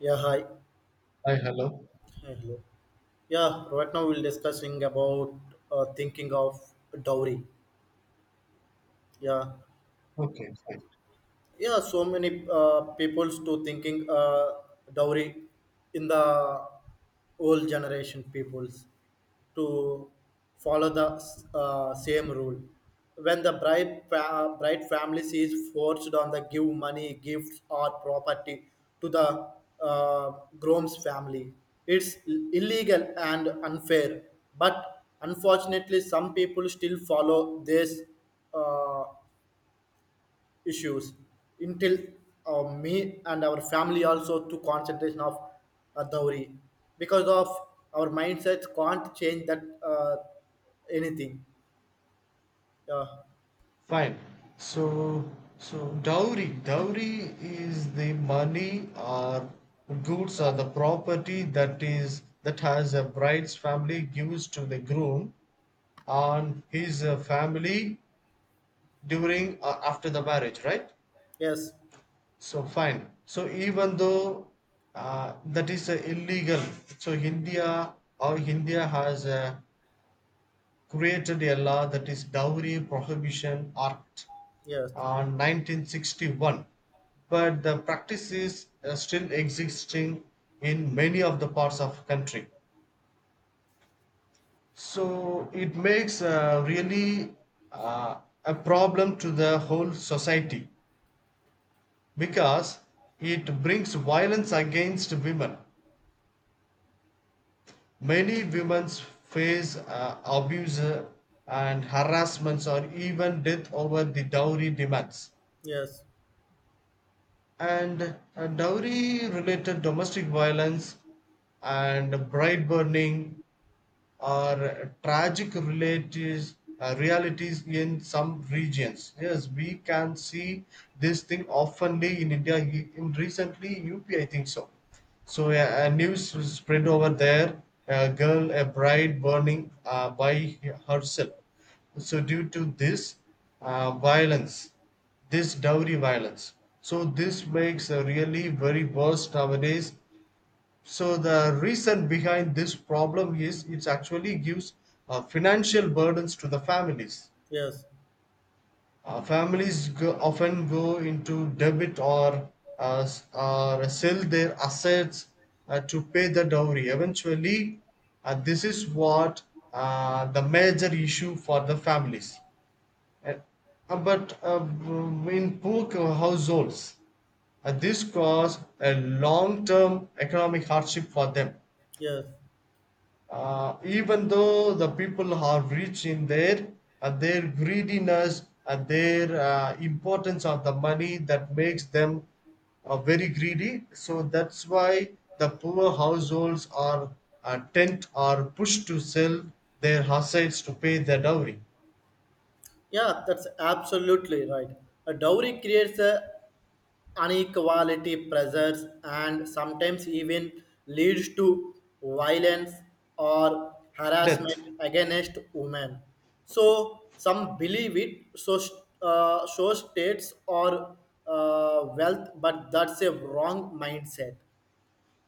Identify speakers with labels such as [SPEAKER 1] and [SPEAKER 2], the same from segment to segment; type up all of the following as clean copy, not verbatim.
[SPEAKER 1] Yeah, hi.
[SPEAKER 2] Hi, hello.
[SPEAKER 1] Hey, hello. Yeah, right now we'll discussing about thinking of dowry. Yeah,
[SPEAKER 2] Okay, fine.
[SPEAKER 1] yeah so many people's to thinking dowry in the old generation peoples to follow the same rule when the bride, bride family is forced on the give money gifts or property to the uh, groom's family it's illegal and unfair but unfortunately some people still follow this uh, issues until me and our family also took concentration of dowry because of our mindsets can't change that anything, yeah,
[SPEAKER 2] Fine. So, so dowry is the money or goods or the property that is that has a bride's family gives to the groom and his family during or after the marriage, right?
[SPEAKER 1] yes,
[SPEAKER 2] So fine. So even though that is illegal, so India has a created a law that is Dowry Prohibition Act
[SPEAKER 1] yes,
[SPEAKER 2] on 1961, but the practice is still existing in many of the parts of country. So it makes really uh, a problem to the whole society because it brings violence against women. Many women face abuse and harassments or even death over the dowry demands,
[SPEAKER 1] yes,
[SPEAKER 2] and dowry related domestic violence and bride burning are tragic realities in some regions. Yes, we can see this thing oftenly in India. In recently, UP, I think so. So a news was spread over there. A girl, a bride burning by herself. So due to this violence, this dowry violence. So this makes a really very worse nowadays. So the reason behind this problem is it actually gives financial burdens to the families.
[SPEAKER 1] yes,
[SPEAKER 2] Families often go into debit, or or sell their assets to pay the dowry. Eventually, this is what the major issue for the families. Uh, in poor households, this cause a long-term economic hardship for them.
[SPEAKER 1] yes,
[SPEAKER 2] Even though the people are rich in their at their greediness and their importance of the money that makes them very greedy, so that's why the poor households are tent are pushed to sell their assets to pay their dowry.
[SPEAKER 1] yeah, that's absolutely right. A dowry creates a inequality pressures and sometimes even leads to violence or
[SPEAKER 2] Death.
[SPEAKER 1] harassment against women. So some believe it so show states or wealth, but that's a wrong mindset.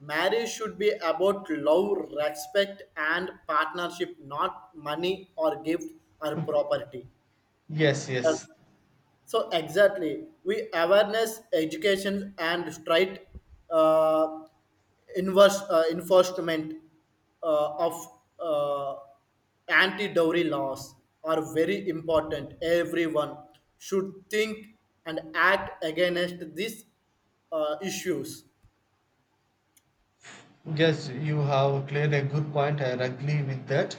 [SPEAKER 1] Marriage should be about love, respect, and partnership, not money or gift or property. Mm,
[SPEAKER 2] Yes,
[SPEAKER 1] that's-
[SPEAKER 2] yes.
[SPEAKER 1] so exactly, we awareness, education, and straight uh, inverse enforcement of anti-dowry laws are very important. Everyone should think and act against these issues.
[SPEAKER 2] Yes, you have cleared a good point. I agree with that,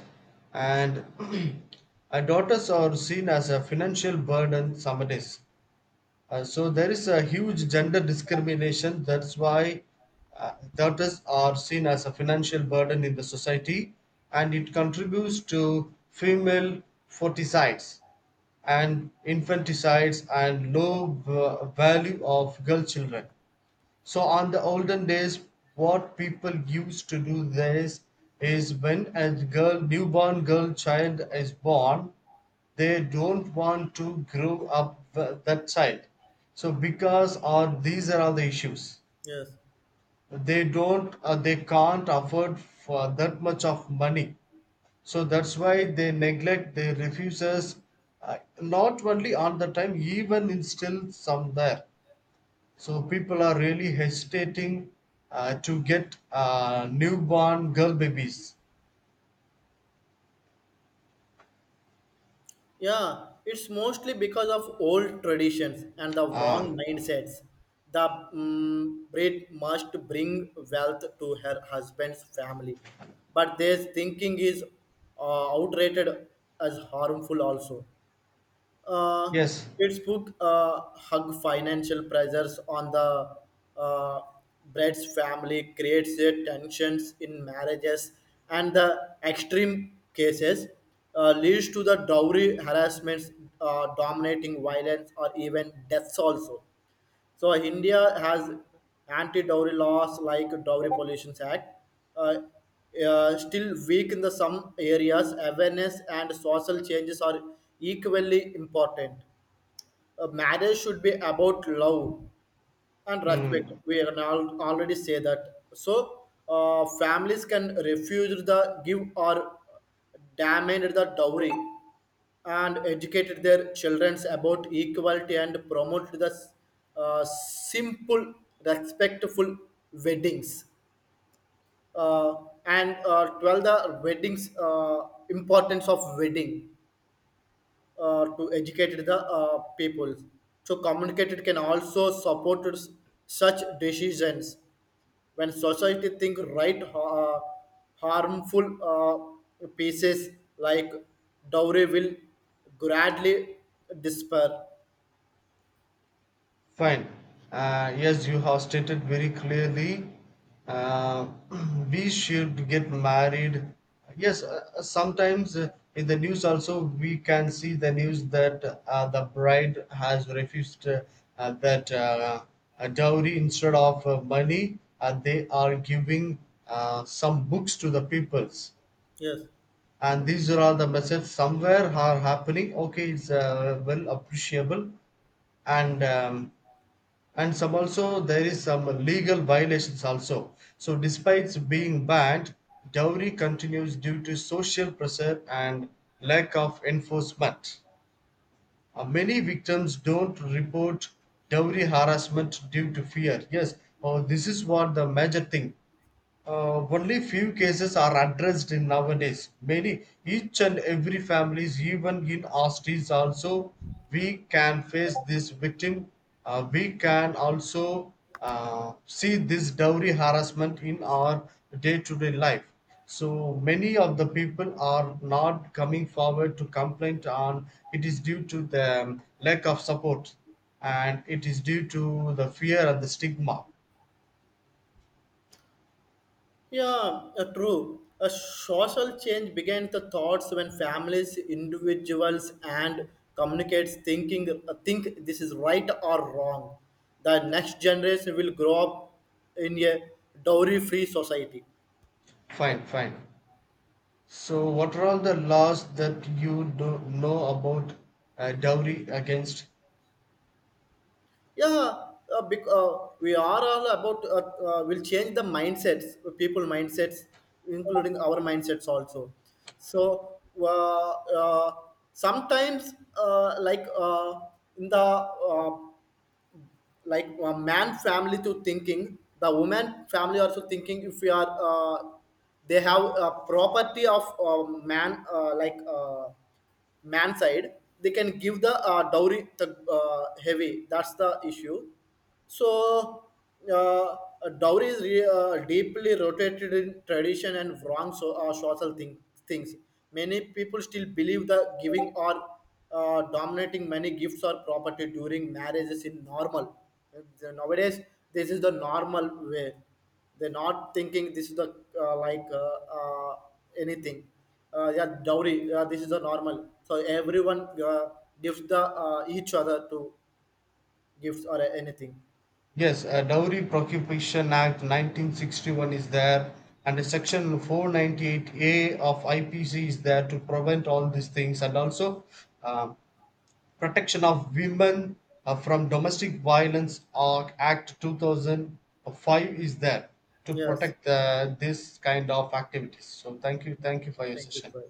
[SPEAKER 2] and our daughters are seen as a financial burden some days. So there is a huge gender discrimination. That's why daughters are seen as a financial burden in the society, and it contributes to female forticides and infanticides and low value of girl children. So on the olden days, what people used to do this is when a girl, newborn girl child is born, they don't want to grow up that child. So because or these are all the issues.
[SPEAKER 1] Yes.
[SPEAKER 2] They can't afford for that much of money. So that's why they neglect, they refuses, not only on the time, even instill some there. So people are really hesitating to get newborn girl babies.
[SPEAKER 1] Yeah, it's mostly because of old traditions and the wrong
[SPEAKER 2] Ah,
[SPEAKER 1] mindsets. The bride must bring wealth to her husband's family, but this thinking is outrated as harmful also. Uh,
[SPEAKER 2] yes.
[SPEAKER 1] its book hug financial pressures on the uh, Brett's family creates a tensions in marriages and the extreme cases leads to the dowry harassments, dominating violence, or even deaths also. So India has anti-dowry laws like Dowry Pollution Act, uh, still weak in the some areas. Awareness and social changes are equally important. Marriage should be about love, and respect
[SPEAKER 2] Mm.
[SPEAKER 1] we can already say that. So families can refuse the give or demand the dowry and educate their children about equality and promote the simple respectful weddings, uh, and 12 the weddings, importance of wedding to educate the people. So communicate can also support such decisions when society think right, harmful pieces like dowry will gradually disappear.
[SPEAKER 2] Fine. Yes, you have stated very clearly. Uh, we should get married. Yes, sometimes in the news also we can see the news that the bride has refused that a dowry instead of money. They are giving some books to the peoples,
[SPEAKER 1] Yes.
[SPEAKER 2] and these are all the messages somewhere are happening. Okay, it's well appreciable, and um, and some also there is some legal violations also. So despite being banned, dowry continues due to social pressure and lack of enforcement. Many victims don't report dowry harassment due to fear. Yes, oh, this is what the major thing. Only few cases are addressed in nowadays. Many, each and every families, even in Austin, also we can face this victim. We can also see this dowry harassment in our day-to-day life. So many of the people are not coming forward to complain on it is due to the lack of support, and it is due to the fear and the stigma.
[SPEAKER 1] Yeah, true. A social change began the thoughts when families, individuals, and communicates thinking think this is right or wrong. The next generation will grow up in a dowry-free society.
[SPEAKER 2] Fine, fine. So, what are all the laws that you do know about dowry against?
[SPEAKER 1] Yeah, we are all about will change the mindsets, people mindsets, including our mindsets also. So uh, uh, sometimes, like in the like a man family to thinking the woman family also thinking if we are they have a property of man like man side they can give the dowry the heavy, that's the issue. So, uh, dowry is deeply rooted in tradition and wrong, so, social things. Many people still believe that giving or dominating many gifts, or property during marriage is in normal. Nowadays, this is the normal way. They're not thinking this is the like anything. Yeah, dowry. Yeah, this is the normal. So everyone gives the each other to gifts or anything.
[SPEAKER 2] Yes, Dowry Prohibition Act 1961 is there, and the section 498A of IPC is there to prevent all these things, and also uh, protection of women from domestic violence Act 2005 is there to
[SPEAKER 1] Yes.
[SPEAKER 2] protect this kind of activities. So, thank you for your
[SPEAKER 1] Thank you.
[SPEAKER 2] session.
[SPEAKER 1] Bye.